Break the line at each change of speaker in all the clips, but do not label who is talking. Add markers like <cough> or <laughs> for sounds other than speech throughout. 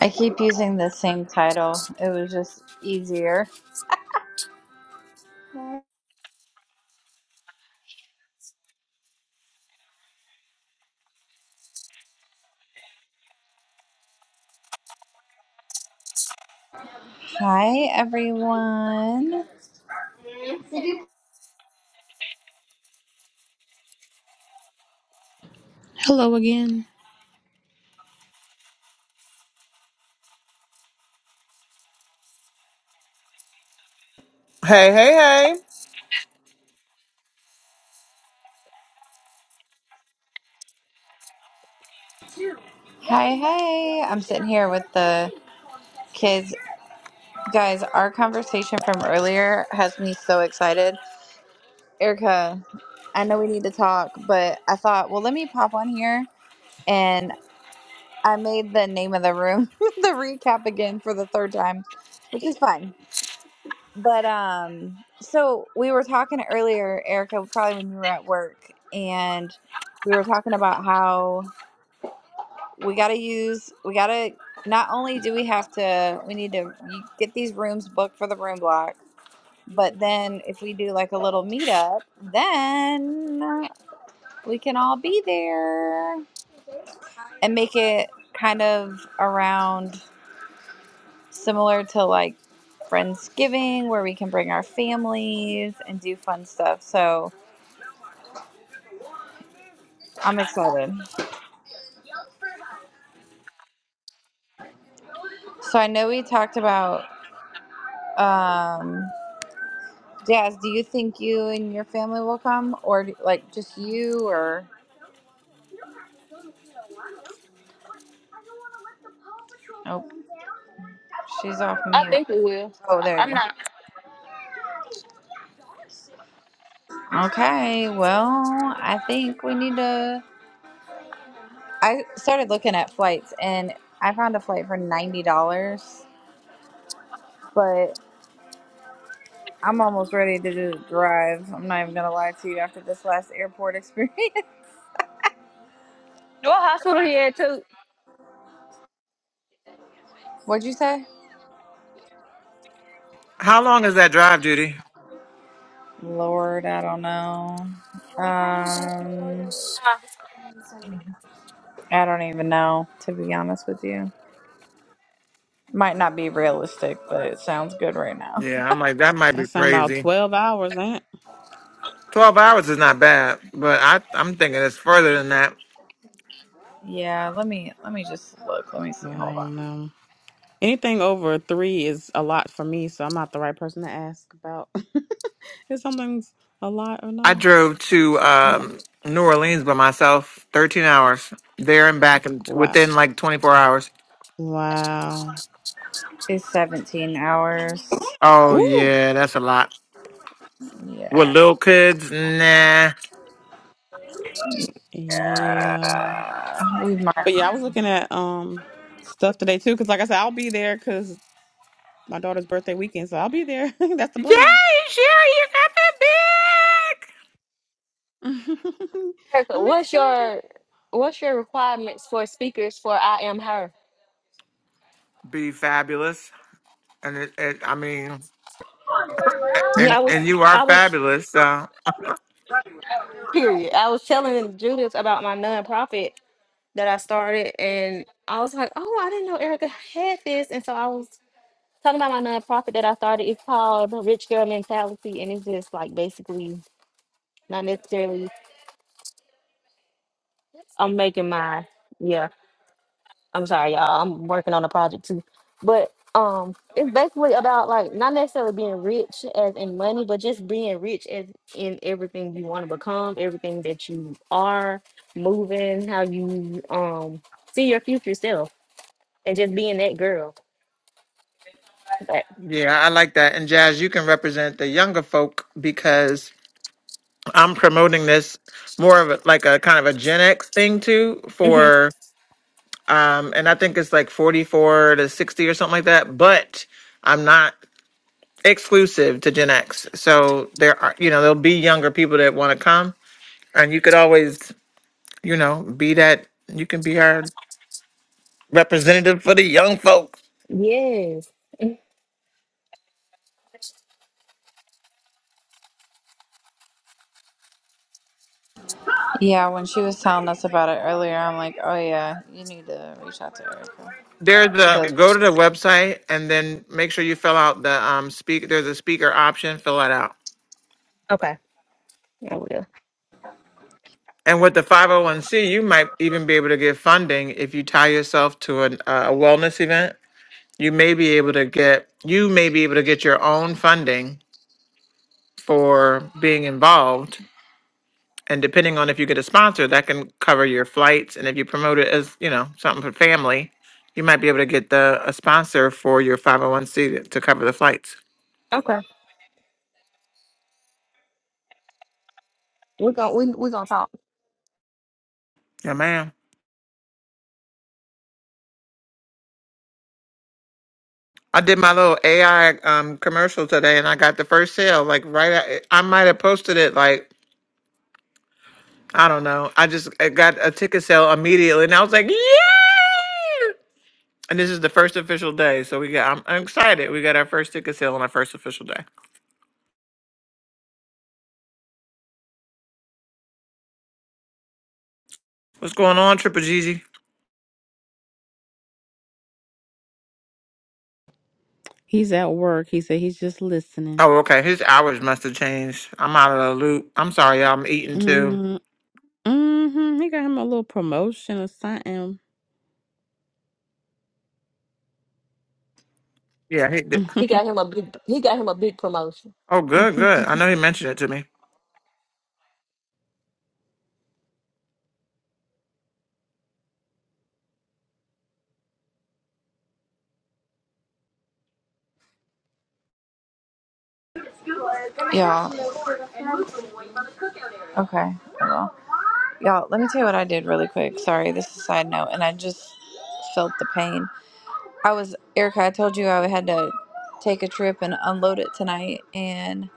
I keep using the same title. It was just easier. Hi, everyone.
Hello again.
Hey, hey, hey.
Hi, hey. I'm sitting here with the kids. Guys, our conversation from earlier has me so excited. Erica, I know we need to talk, but I thought, well, let me pop on here. And I made the name of the room <laughs> the recap again for the third time, which is fine But um, so we were talking earlier, Erica, probably when you were at work, and we were talking about how we got to use, we got to, not only do we have to, we need to you get these rooms booked for the room block, but then if we do like a little meetup, then we can all be there and make it kind of around similar to like Friendsgiving, where we can bring our families and do fun stuff. So, I'm excited. So I know we talked about um Jazz, do you think you and your family will come or do- like just you or oh, she's off
I
mute.
think we will.
Oh,
I-
there
I'm
you
not.
go. Okay. Well, I think we need to I started looking at flights and I found a flight for $90, but I'm almost ready to just drive. I'm not even going to lie to you after this last airport experience. <laughs>
Your hospital here too.
What'd you say?
How long is that drive, Judy?
Lord, I don't know. Um
Uh,
I don't even know, to be honest with you. Might not be realistic, but it sounds good right now.
Yeah, I'm like, that might
That
be
sound about
crazy.
twelve hours, ain't?
12 hours is not bad, but I, I'm thinking it's further than that.
Yeah, let me let me just look. Let me see.
Well, I
Hold on.
don't know. Anything over three is a lot for me, so I'm not the right person to ask about <laughs> if something's a lot or
I
not.
drove to
I'm like,
um, New Orleans by myself 13 hours, there and back and
wow,
within like 24 hours.
wow,
It's 17 hours.
Oh,
ooh,
yeah, that's a lot. With
Yeah.
little kids, nah.
yeah.
Yeah. We might.
But yeah, I was looking at um stuff today too, because like I said, I'll be there because my daughter's birthday weekend, so I'll be there. <laughs> That's
Yeah,
the
you
plan.
sure, you got the big.
<laughs> I'm
Erica, what's
excited.
your what's your requirements for speakers for I am her?
Be fabulous. And it, it, I mean,
Yeah.
and,
I
and
was
you are
I was
fabulous. So.
period. I was telling Judith about my nonprofit that I started, and I was like, oh, I didn't know Erica had this, and so I was talking about my nonprofit that I started. It's called the Rich Girl Mentality, and it's just like basically not necessarily. I'm making my yeah. I'm sorry, y'all. I'm working on a project too. But um it's basically about like not necessarily being rich as in money, but just being rich as in everything you want to become, everything that you are, moving, how you um see your future self and just being that girl. But,
Yeah, I like that. And Jazz, you can represent the younger folk because I'm promoting this more of a, like a kind of a Gen X thing too
mhm.
for um and I think it's like 44 to 60 or something like that, but I'm not exclusive to Gen X. So there are you know, there'll be younger people that want to come and you could always, you know, be that you can be our representative for the young folks.
Yes.
Yeah, when she was telling us about it earlier, I'm like, "Oh yeah, you need to reach out to Erica."
There's a go
Cuz
to the website and then make sure you fill out the um speak. There's a speaker option. Fill that out.
Okay. I will.
And with the 501c, you might even be able to get funding if you tie yourself to an, uh, a wellness event. You may be able to get you may be able to get your own funding for being involved. And depending on if you get a sponsor, that can cover your flights. And if you promote it as you know something for family, you might be able to get the a sponsor for your 501c to, to cover the flights.
Okay. We're gonna we we're gonna talk.
Yeah, ma'am. I did my little AI um commercial today, and I got the first sale. Like right, at, I might have posted it. Like I don't know. I just I got a ticket sale immediately, and I was like, yeah! And this is the first official day, so we got. I'm, I'm excited. We got our first ticket sale on our first official day. What's going on, Triple Gigi?
He's at work. He said he's just listening.
Oh, okay. His hours must have changed. I'm out of the loop. I'm sorry, y'all. I'm eating too.
mm hmm He got him a little promotion or something.
Yeah. He did.
He got him a big he got him a big promotion.
Oh, good, good. I
<laughs>
know he mentioned it to me.
y'all okay. Well, y'all, let me tell you what I did really quick. Sorry, this is a side note and I just felt the pain. I was Erica. I told you I had to take a trip and unload it tonight, and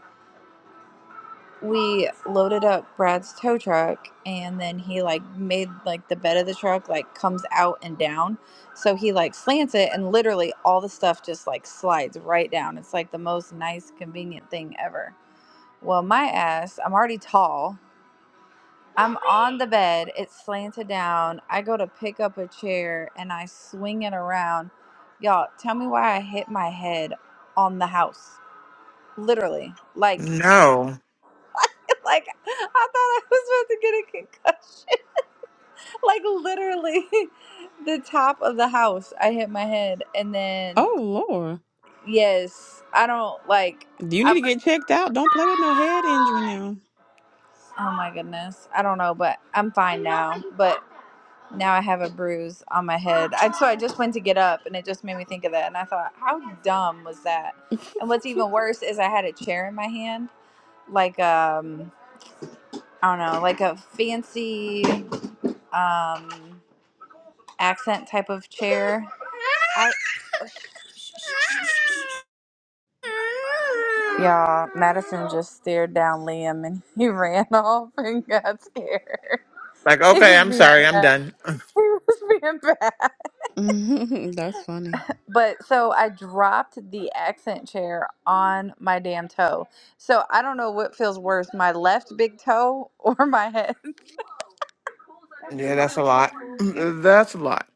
we loaded up Brad's tow truck, and then he like made like the bed of the truck like comes out and down, so he like slants it, and literally all the stuff just like slides right down. It's like the most nice, convenient thing ever. Well, my ass, I'm already tall, I'm on the bed, it's slanted down. I go to pick up a chair and I swing it around. Y'all, tell me why I hit my head on the house. Literally. Like
No.
<laughs> like I thought I was about to get a concussion. <laughs> Like literally <laughs> the top of the house. I hit my head and then
oh Lord.
yes, I don't like
Do you need
I'm
to get checked out? Don't play with no head injury now.
oh my goodness. I don't know, but I'm fine now. But Now I have a bruise on my head. I, so I just went to get up, and it just made me think of that. And I thought, how dumb was that? And what's even worse is I had a chair in my hand, like um, I don't know, like a fancy um accent type of chair. I y'all, Madison just stared down Liam, and he <laughs> ran off and got scared. <laughs>
Like,
He
okay,
was
I'm
being
sorry. I'm
bad.
done.
He was being bad.
<laughs> That's funny.
But so I dropped the accent chair on my damn toe. So I don't know what feels worse, my left big toe <laughs> or my head. <laughs>
Yeah, that's a lot. <clears throat> That's a lot.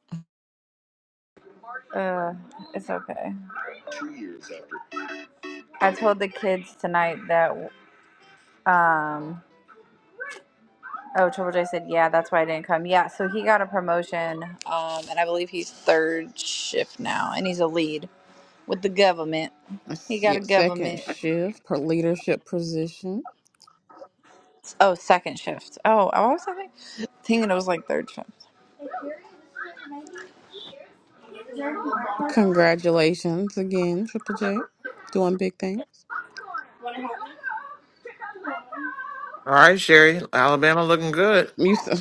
Uh, it's okay. I told the kids tonight that um oh Triple J said yeah, that's why I didn't come. Yeah, so he got a promotion um and I believe he's third shift now and he's a lead with the government.
Let's
He got
see,
a
Second
government.
shift per leadership position.
Oh, second shift. Oh, I was thinking thinking it was like third shift.
Congratulations again, Triple J. Doing big things.
All right, Sherry. Alabama looking good.
You so-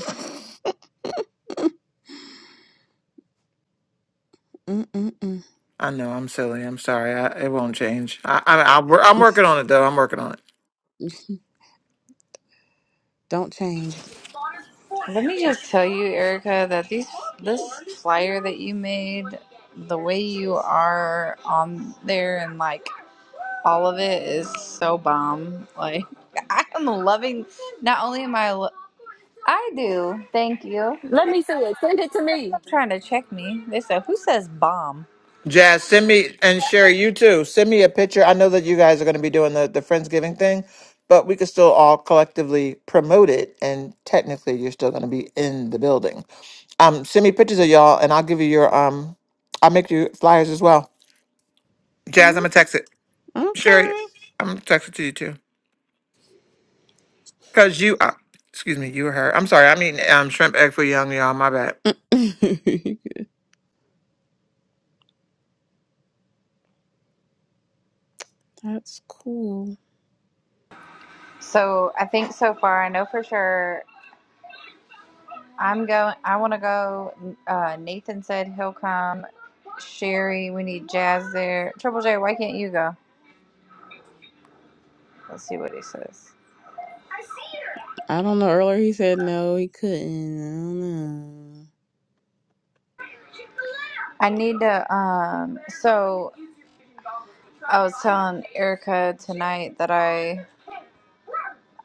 <laughs> Mm-mm-mm.
I know I'm silly. I'm sorry. I, it won't change. I, I, I, wor- I'm working on it though. I'm working on it.
Don't change.
Let me just tell you, Erica, that these this flyer that you made, the way you are on there and like all of it is so bomb. Like <laughs> I am loving. Not only am I, lo- I do. Thank you.
Let me see it. Send it to me.
I'm trying to check me. They said who says bomb.
Jazz, send me and Sherry, you too. Send me a picture. I know that you guys are going to be doing the the friendsgiving thing, but we could still all collectively promote it. And technically, you're still going to be in the building. Um, send me pictures of y'all, and I'll give you your um. I'll make you flyers as well. Jazz, I'm
Mm,
gonna text it. Sherry, I'm gonna text it to you too. Cause you, uh, excuse me, you her. I'm sorry. I mean, um, shrimp egg for young y'all. My bad.
Okay. <laughs> That's cool.
So I think so far I know for sure. I'm going. I want to go. Uh, Nathan said he'll come. Sherry, we need Jazz there. Triple J, why can't you go? Let's see what he says.
I don't know. Earlier he said no, he couldn't. I don't know.
I need to. Um, so I was telling Erica tonight that I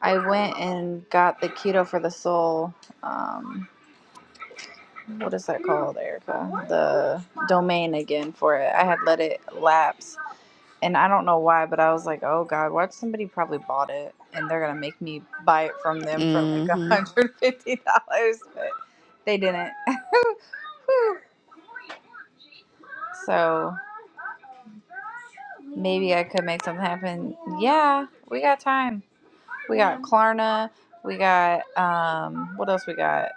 I went and got the keto for the soul. Um, what is that called, Erica? The domain again for it. I had let it lapse, and I don't know why, but I was like, oh god, what? if Somebody probably bought it, and they're gonna make me buy it from them for like <laughs> a
Mm-hmm.
hundred fifty dollars, but they didn't. <laughs> Whew. so maybe I could make something happen. Yeah, we got time. We got Klarna. We got um, what else? We got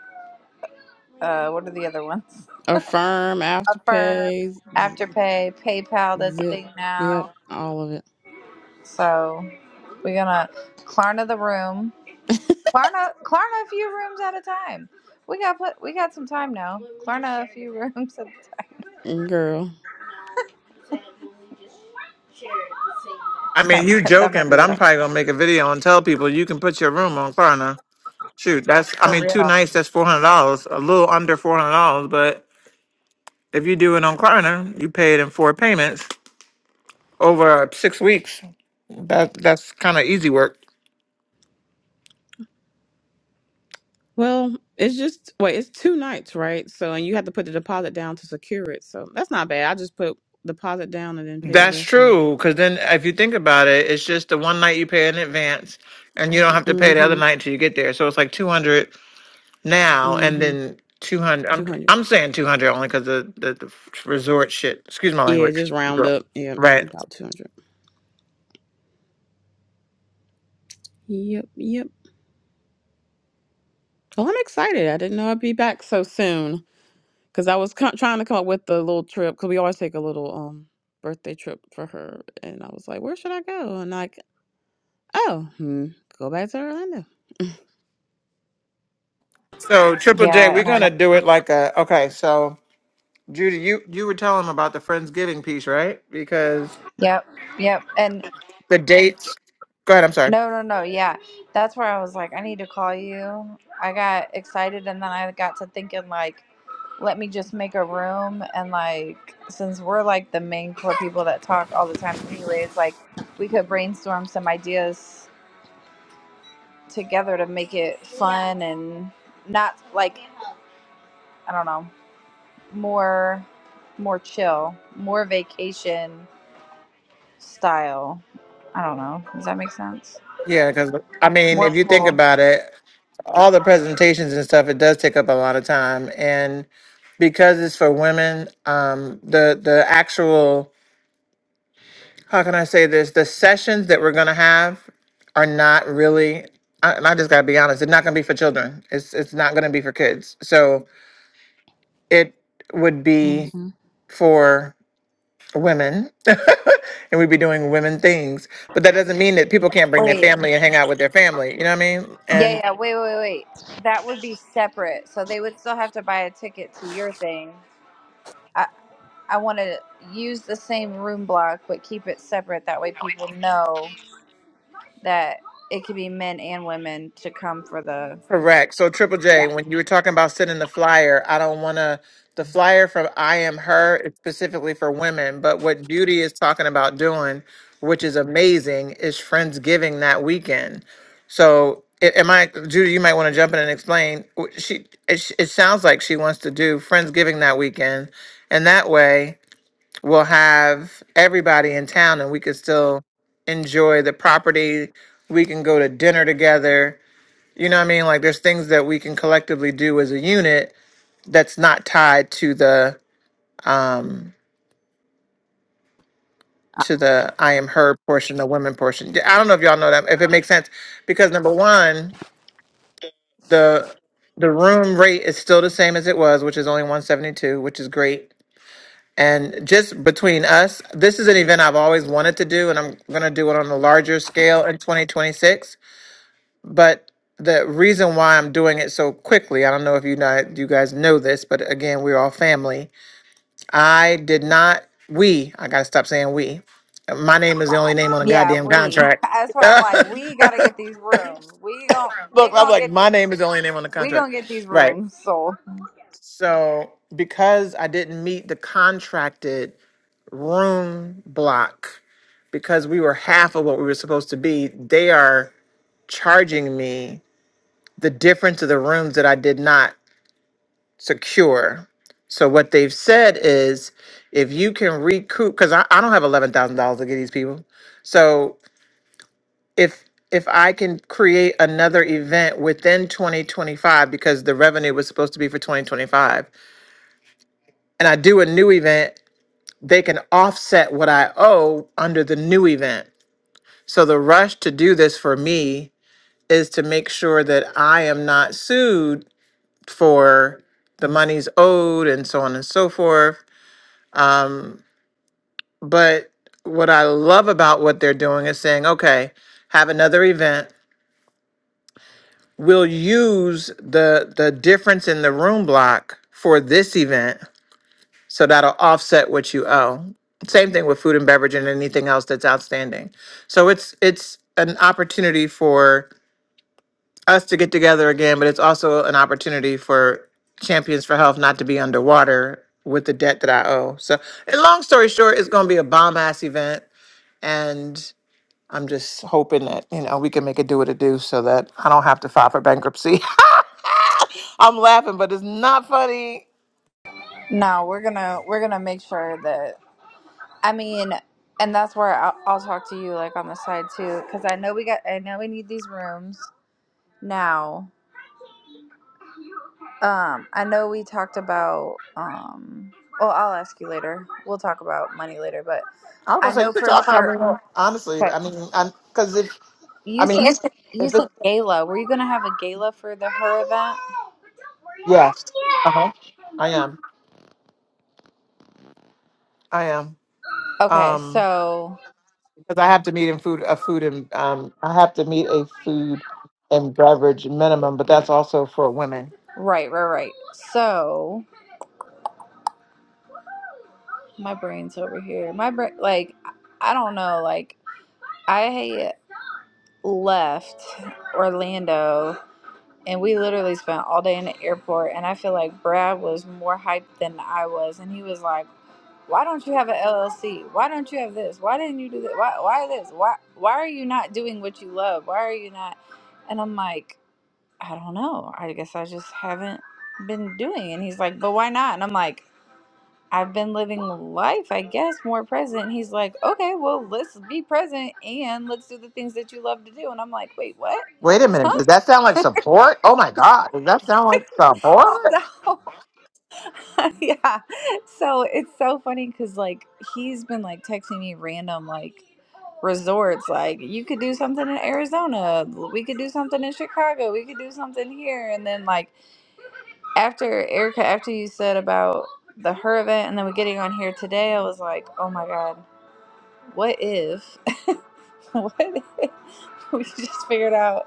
uh, what are the other ones?
Affirm,
<laughs> Affirm,
Afterpay, Z-
Afterpay, PayPal. That's a
Zip,
thing
yep,
now.
all of it.
So we're gonna Klarna the room. Klarna, Klarna a few rooms at a time. We got put, we got some time now. Klarna a few <laughs> rooms at a time.
And girl,
I
That
mean, you
might, that might
joking,
be
but
what
I'm
I
probably gonna make a video and tell people you can put your room on Klarna. Shoot, that's I
for
mean,
real.
two nights that's four hundred dollars, a little under four hundred dollars. But if you do it on Klarna, you pay it in four payments over six weeks. That that's kind of easy work.
well, it's just wait, it's two nights, right? So, and you have to put the deposit down to secure it. So that's not bad. I just put deposit down and then pay the
That's
rest when I get
true. Because
there.
then, if you think about it, it's just the one night you pay in advance, and you don't have to pay the other
Mm-hmm.
night till you get there. So it's like 200 now and
Mm-hmm.
then 200
Two
i'm
hundred.
i'm saying 200 only because the, the the resort shit excuse my
Yeah, just
language
round
girl.
up. Yep,
right
about two hundred. Yep, yep. Well, I'm excited. I didn't know I'd be back so soon. because I was co- trying to come up with the little trip because we always take a little um birthday trip for her, and I was like, where should I go? And like, oh, hmm, go back to Orlando.
so triple j
Yeah,
we're
and I know.
gonna do it like a okay so judy you you were telling them about the friendsgiving piece right because
Yep, yep. And
the dates go ahead i'm sorry
no, no, no. Yeah, that's where I was like, I need to call you. I got excited and then I got to thinking like let me just make a room and like since we're like the main core people that talk all the time anyways like we could brainstorm some ideas together to make it fun and not like i don't know more more chill more vacation style i don't know does that make sense
yeah because i mean
more
if you think
full
about it all the presentations and stuff it does take up a lot of time and because it's for women um the the actual how can I say this? The sessions that we're gonna have are not really. I, and I just gotta be honest. They're not gonna be for children. It's it's not gonna be for kids. So it would be
Mm-hmm.
for women, <laughs> and we'd be doing women things. But that doesn't mean that people can't bring their
wait
family and hang out with their family. You know what I mean?
yeah
And.
yeah wait wait wait that would be separate so they would still have to buy a ticket to your thing I, I want to use the same room block but keep it separate. That way, people know that it could be men and women to come for the.
Correct. So Triple J,
Yeah.
when you were talking about sending the flyer, I don't want to. The flyer from I Am Her is specifically for women, but what Beauty is talking about doing, which is amazing, is Friendsgiving that weekend. So, a- am I, Judy? You might want to jump in and explain. W- She, it, sh- it sounds like she wants to do Friendsgiving that weekend, and that way we'll have everybody in town, and we could still enjoy the property. We can go to dinner together you know what I mean? Like there's things that we can collectively do as a unit that's not tied to the um to the I am her portion, the women portion. Yeah, I don't know if y'all know that if it makes sense. Because number one, the the room rate is still the same as it was, which is only 172, which is great. And just between us, this is an event I've always wanted to do, and I'm gonna do it on a larger scale in 2026 But the reason why I'm doing it so quickly, I don't know if you not you guys know this, but again, we're all family. I did not we, I gotta stop saying we. My name is the only name on the
Yeah,
goddamn
we. <laughs>
contract.
That's
<laughs>
why I'm like, we gotta get these rooms. We gon' we
Look, I'm
gonna
like,
get
my
these.
name is the only name on the
We
contract.
gonna get these
Right.
rooms sold.
So because I didn't meet the contracted room block, because we were half of what we were supposed to be, they are charging me the difference of the rooms that I did not secure. So what they've said is if you can recoup because I, I don't have eleven thousand dollars to get these people. So if if I can create another event within 2025 because the revenue was supposed to be for 2025 and I do a new event, they can offset what I owe under the new event. So the rush to do this for me is to make sure that I am not sued for the monies owed and so on and so forth But what I love about what they're doing is saying, okay, have another event. We'll use the the difference in the room block for this event, so that'll offset what you owe. Same thing with food and beverage and anything else that's outstanding. So it's it's an opportunity for us to get together again, but it's also an opportunity for Champions for Health not to be underwater with the debt that I owe. So, and long story short, it's going to be a bomb ass event, and I'm just hoping that, you know, we can make a do what it do so that I don't have to file for bankruptcy. <laughs> I'm laughing, but it's not funny.
No, we're gonna we're gonna make sure that. I mean, and that's where I'll, I'll talk to you like on the side too, because I know we got. I know we need these rooms now Um, I know we talked about. Um, well, I'll ask you later. We'll talk about money later, but
I was gonna
I
say you
know
could
for
talk. I
sure.
mean, honestly,
Okay,
I mean, because if
you
I mean,
said
Yes.
you
if
said
it's
gala. Were you gonna have a gala for the her event?
yes, uh huh, I am, I am,
Okay,
um,
so
because I have to meet in food a food and um, I have to meet a food and beverage minimum, but that's also for women.
right, right, right. So my brain's over here. My brain, like, I don't know. Like, I left Orlando and we literally spent all day in the airport and i feel like brad was more hyped than i was and he was like why don't you have an llc why don't you have this why didn't you do that why, why this why, why are you not doing what you love why are you not and i'm like i don't know i guess i just haven't been doing and he's like but why not and i'm like i've been living life i guess more present and he's like okay well let's be present and let's do the things that you love to do and i'm like wait what
Wait a minute. Does
huh
that sound like support? Oh my God. Does that sound like
<laughs>
support?
so <laughs> yeah. So it's so funny because like he's been like texting me random like resorts like you could do something in Arizona, we could do something in Chicago, we could do something here, and then like after Erica, after you said about the her event, and then we getting on here today, I was like, oh my god, what if, <laughs> what if we just figured out?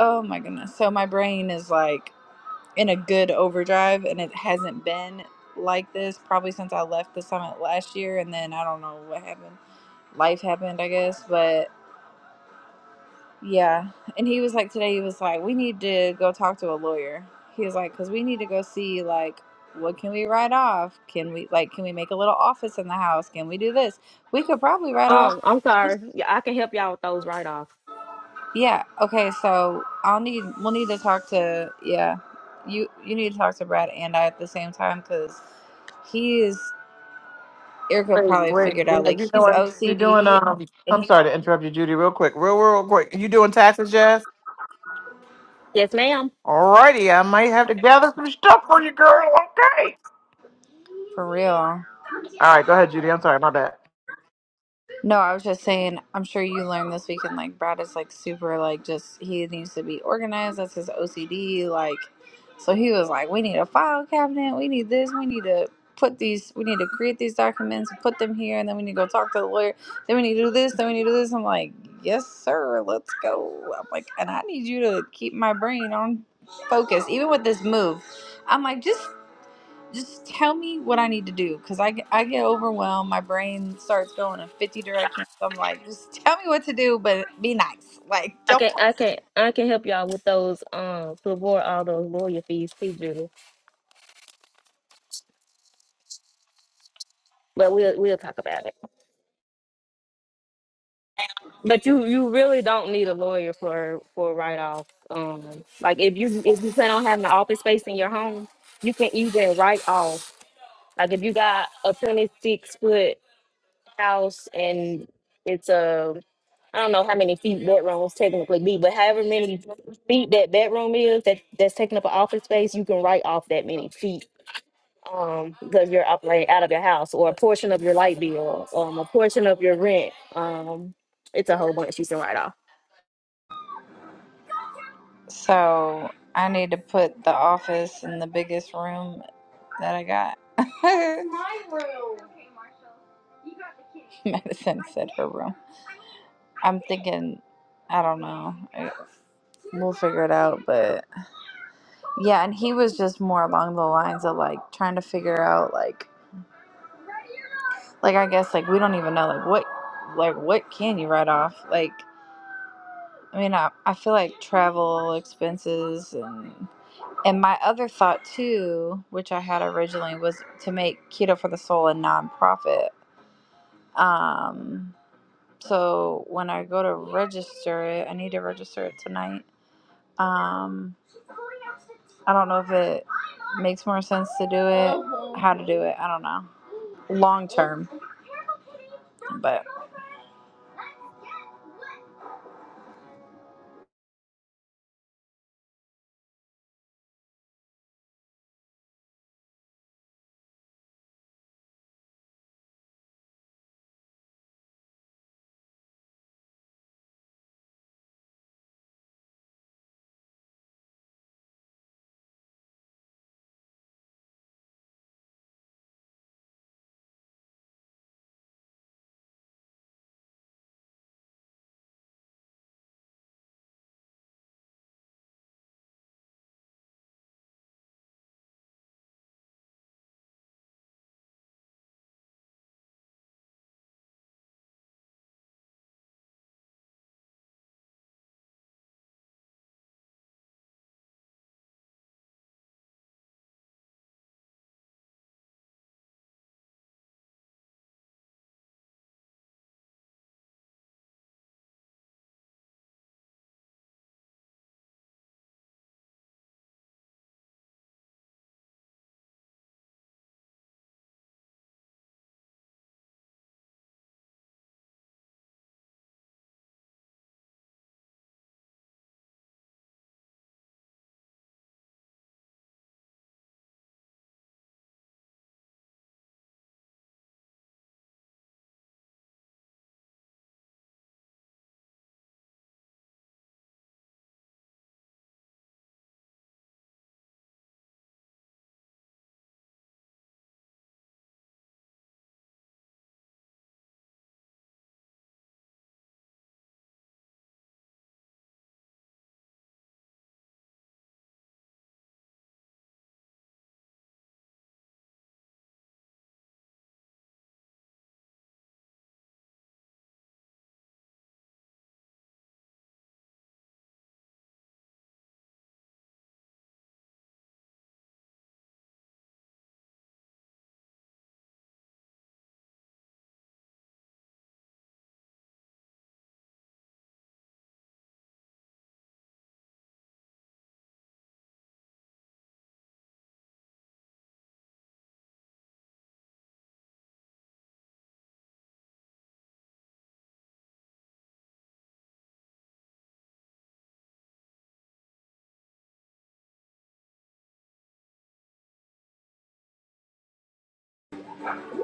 Oh my goodness! So my brain is like in a good overdrive and it hasn't been like this probably since I left the summit last year and then I don't know what happened. Life happened, I guess, but yeah. And he was like today he was like we need to go talk to a lawyer. He was like cuz we need to go see like what can we write off? Can we like can we make a little office in the house? Can we do this? We could probably write off
Um, I'm
this.
sorry. Yeah, I can help y'all with those right off.
Yeah. Okay, so I'll need we'll need to talk to yeah. You you need to talk to Brad and I at the same time cuz he is. Erica
Wait,
probably
wait.
figured out
If
like
you
he's
doing, you doing,
OCD
um,
and
I'm
he's
sorry to interrupt you, Judy, real quick. Real, real quick. You doing taxes, Jess?
Yes, ma'am.
Alrighty. I might have to gather some stuff for you, girl. Okay.
for real.
All right. Go ahead, Judy. I'm sorry. My bad.
No, I was just saying, I'm sure you learned this weekend like Brad is like super like just he needs to be organized. That's his OCD. Like, so he was like, we need a file cabinet. We need this. We need to put these. We need to create these documents and put them here. And then we need to go talk to the lawyer. Then we need to do this. Then we need to do this. I'm like, yes, sir. Let's go. I'm like, and I need you to keep my brain on focus, even with this move. I'm like, just just tell me what I need to do because I, get- I get overwhelmed. My brain starts going in 50 directions. I'm like, just tell me what to do, but be nice. Like,
I
don't.
can I can I can help y'all with those um to avoid all those lawyer fees too, Judy. But we'll we'll talk about it. But you you really don't need a lawyer for for write off. Um, like if you if you plan on having an office space in your home, you can even write off. Like if you got a twenty six foot house and it's a I don't know how many feet bedrooms technically be, but however many feet that bedroom is that that's taking up an office space, you can write off that many feet um, because you're out, like out of your house, or a portion of your light bill, um, a portion of your rent. Um, it's a whole bunch you can write off.
So I need to put the office in the biggest room that I got. <laughs> My room. Madison said her room. I'm thinking, I don't know. I- We'll figure it out. But yeah, and he was just more along the lines of like trying to figure out like like I guess like we don't even know like what like what can you write off? Like I mean I, I feel like travel expenses and and my other thought too, which I had originally was to make Keto for the Soul a nonprofit. Um so when I go to register it, I need to register it tonight. Um I don't know if it makes more sense to do it, how to do it, I don't know. Long term. But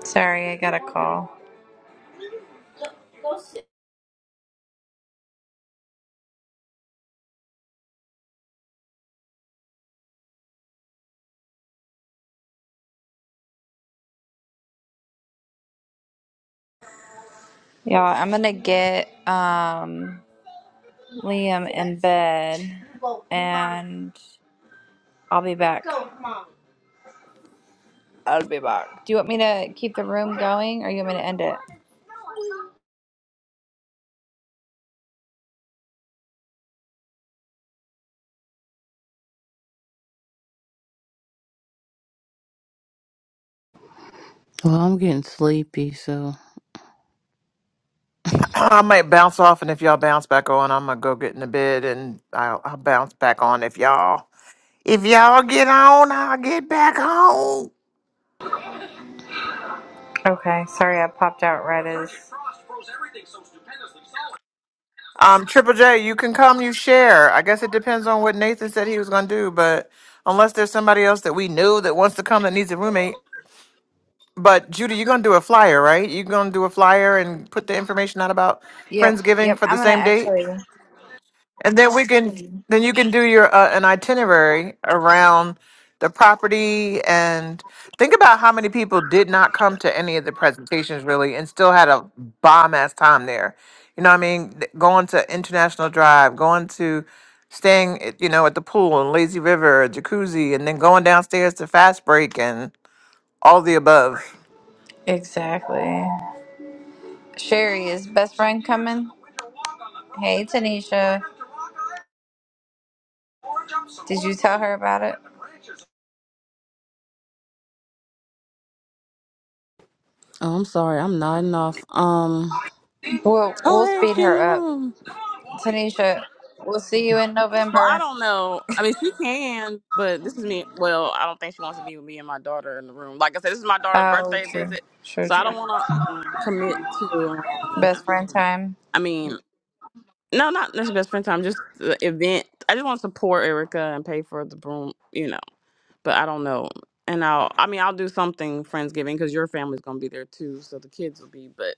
sorry, I got a call. Yeah, I'm gonna get um Liam in bed and I'll be back. I'll be back. Do you want me to keep the room going or you want me to end it?
Well, I'm getting sleepy, so
I might bounce off, and if y'all bounce back on, I'm gonna go get in the bed, and I'll, I'll bounce back on if y'all if y'all get on, I'll get back on.
Okay, sorry I popped out right as.
Um, Triple J, you can come, you share. I guess it depends on what Nathan said he was gonna do, but unless there's somebody else that we knew that wants to come that needs a roommate. But Judy, you're gonna do a flyer, right? You're gonna do a flyer and put the information out about
Yep,
Friendsgiving
yep.
for
I'm
the
gonna
same date.
actually
And then we can then you can do your uh, an itinerary around the property and think about how many people did not come to any of the presentations really and still had a bomb ass time there. You know what I mean? Th- Going to International Drive, going to staying at- you know at the pool and Lazy River, jacuzzi and then going downstairs to Fast Break and all the above.
Exactly. Sherry, is best friend coming? Hey Tanisha. Did you tell her about it?
oh, I'm sorry, I'm nodding off. Um,
We'll
oh
we'll
hey,
speed
she in
her
the
up.
room.
Tanisha, we'll see you in
Well, I
November.
don't know. I mean, she can, but this is me. Well, I don't think she wants to be with me and my daughter in the room. Like I said, this is my daughter's
Oh
birthday
true.
visit,
Sure,
so I
true.
don't want to commit to. Um,
Best friend time.
I mean, No, not this best friend time. Just the event. I just want to support Erica and pay for the broom, you know. But I don't know. And I'll. I mean, I'll do something Friendsgiving because your family's gonna be there too, so the kids will be. But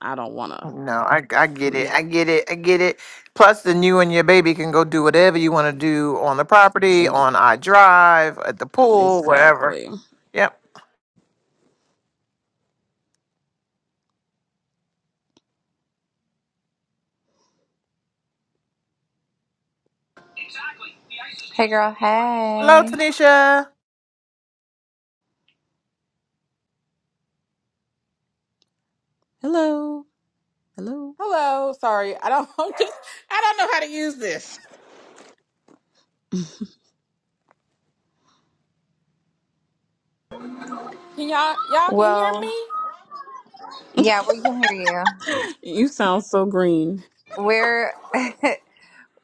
I don't want to
No, I I get it.
commit.
I get it. I get it. Plus, then you and your baby can go do whatever you want to do on the property,
Ex-
on our drive, at the pool, wherever.
exactly.
Yep.
Hey girl,
Hello,
hey.
Tanisha.
Hello. Hello.
Hello. Sorry. I don't <laughs> I'm just I don't know how to use this. Can y'all y'all can hear
Well,
me?
yeah, we can hear you.
<gasps> <laughs> You sound so green.
We're <laughs>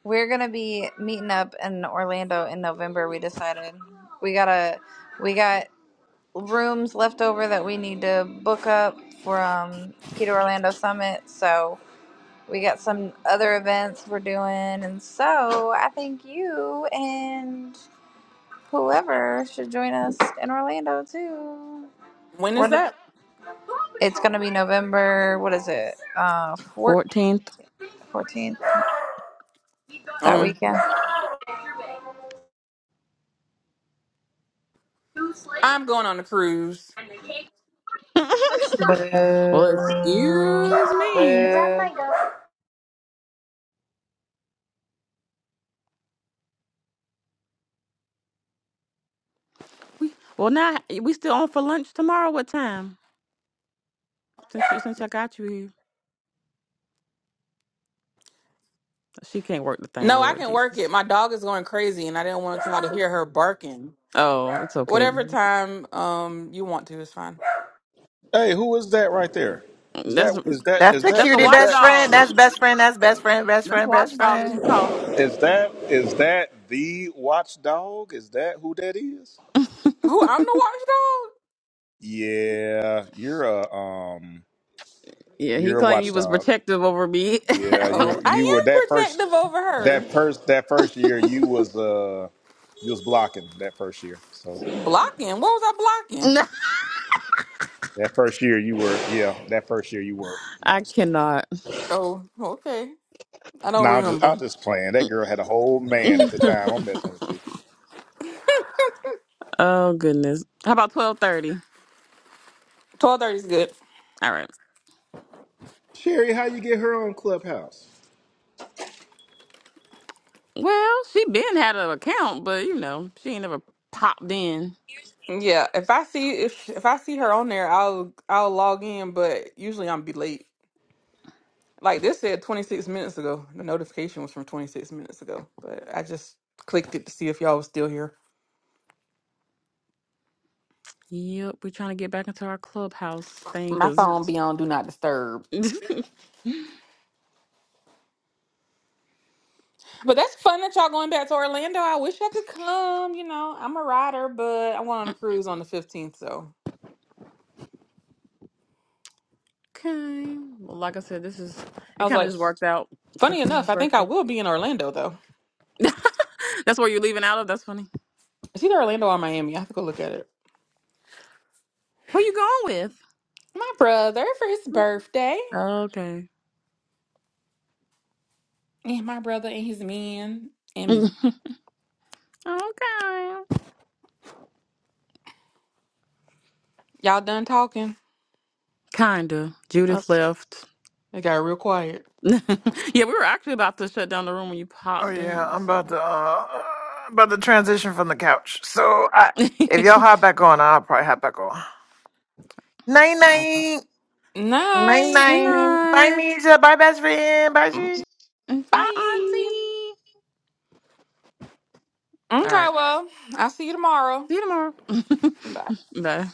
we're gonna be meeting up in Orlando in November. We decided we gotta we got rooms left over that we need to book up from Keto Orlando Summit. So we got some other events we're doing, and so I think you and whoever should join us in Orlando too.
When is that?
It's gonna be November. What is it? Uh, four,
Fourteenth.
fourteenth that
Um
weekend.
I'm going on a cruise.
<laughs> well,
Boo.
excuse me.
Boo.
Well, now we still on for lunch tomorrow. What time? Since you since I got you here, she can't work the thing,
No, I
Lord
can work
Jesus.
it. My dog is going crazy and I didn't want y'all to hear her barking.
Oh, it's okay.
Whatever time um you want to is fine.
Hey, who is that right there? Is
That's
that is that
That's
is
the
that's
that
the
cutie
is
best
that
friend.
watchdog.
That's best friend. That's best friend. Best
That's
friend. Best
watchdog as you
friend.
call her.
is that is that the watchdog? Is that who that is?
Who
<laughs>
I'm the watchdog?
Yeah, you're a um,
yeah, he
you're a
claimed you was
watchdog.
protective over me.
Yeah,
Oh,
you
I
you were that
am protective
first
over her.
that first that first year you was uh you was blocking that first year. So
Blocking. What was I
<laughs>
blocking?
no,
that first year you were yeah that first year you were you know.
I
So.
cannot.
Oh, okay. I
No,
don't
I'm just
remember.
I'm just playing. That girl had a whole man at the
<laughs>
time. I'm messing with you,
oh goodness. How about twelve thirty?
Twelve thirty is good.
All right.
Sherry. How you get her on Clubhouse?
Well, she been had an account, but you know she ain't never popped in.
Yeah, if I see if if I see her on there, I'll I'll log in, but usually I'm be late. Like this said 26 minutes ago. The notification was from 26 minutes ago, but I just clicked it to see if y'all was still here.
Yep, we trying to get back into our clubhouse thing,
My
cause.
phone be on do not disturb.
<laughs> okay.
But that's fun that y'all going back to Orlando. I wish I could come. You know, I'm a rider, but I went on a cruise on the 15th, so
Well, like I said, this is
I
it.
was
Kind of
like,
just worked out for
funny
Gina's
enough, I think I
birthday.
will be in Orlando though.
<laughs> That's where you're leaving out of. That's funny.
It's either Orlando or Miami. I have to go look at it.
Who you going with?
My brother for his birthday.
Okay.
And my brother and his men
<laughs>
and
okay.
me. Y'all done talking?
Kinda.
Uh,
Judith left.
It got real quiet.
<laughs> yeah, we were actually about to shut down the room when you
Oh
popped
yeah,
in.
I'm about
So.
to uh about to transition from the couch. So I,
<laughs>
if y'all hop back on, I'll probably hop back on. Night
Uh,
night. Night
Night.
Good
night. Bye,
night.
Nisha. Bye, best friend. Bye,
Bye, Auntie.
Bye.
All
Okay,
right.
well, I'll see you tomorrow.
See you tomorrow.
Bye.
<laughs> Bye.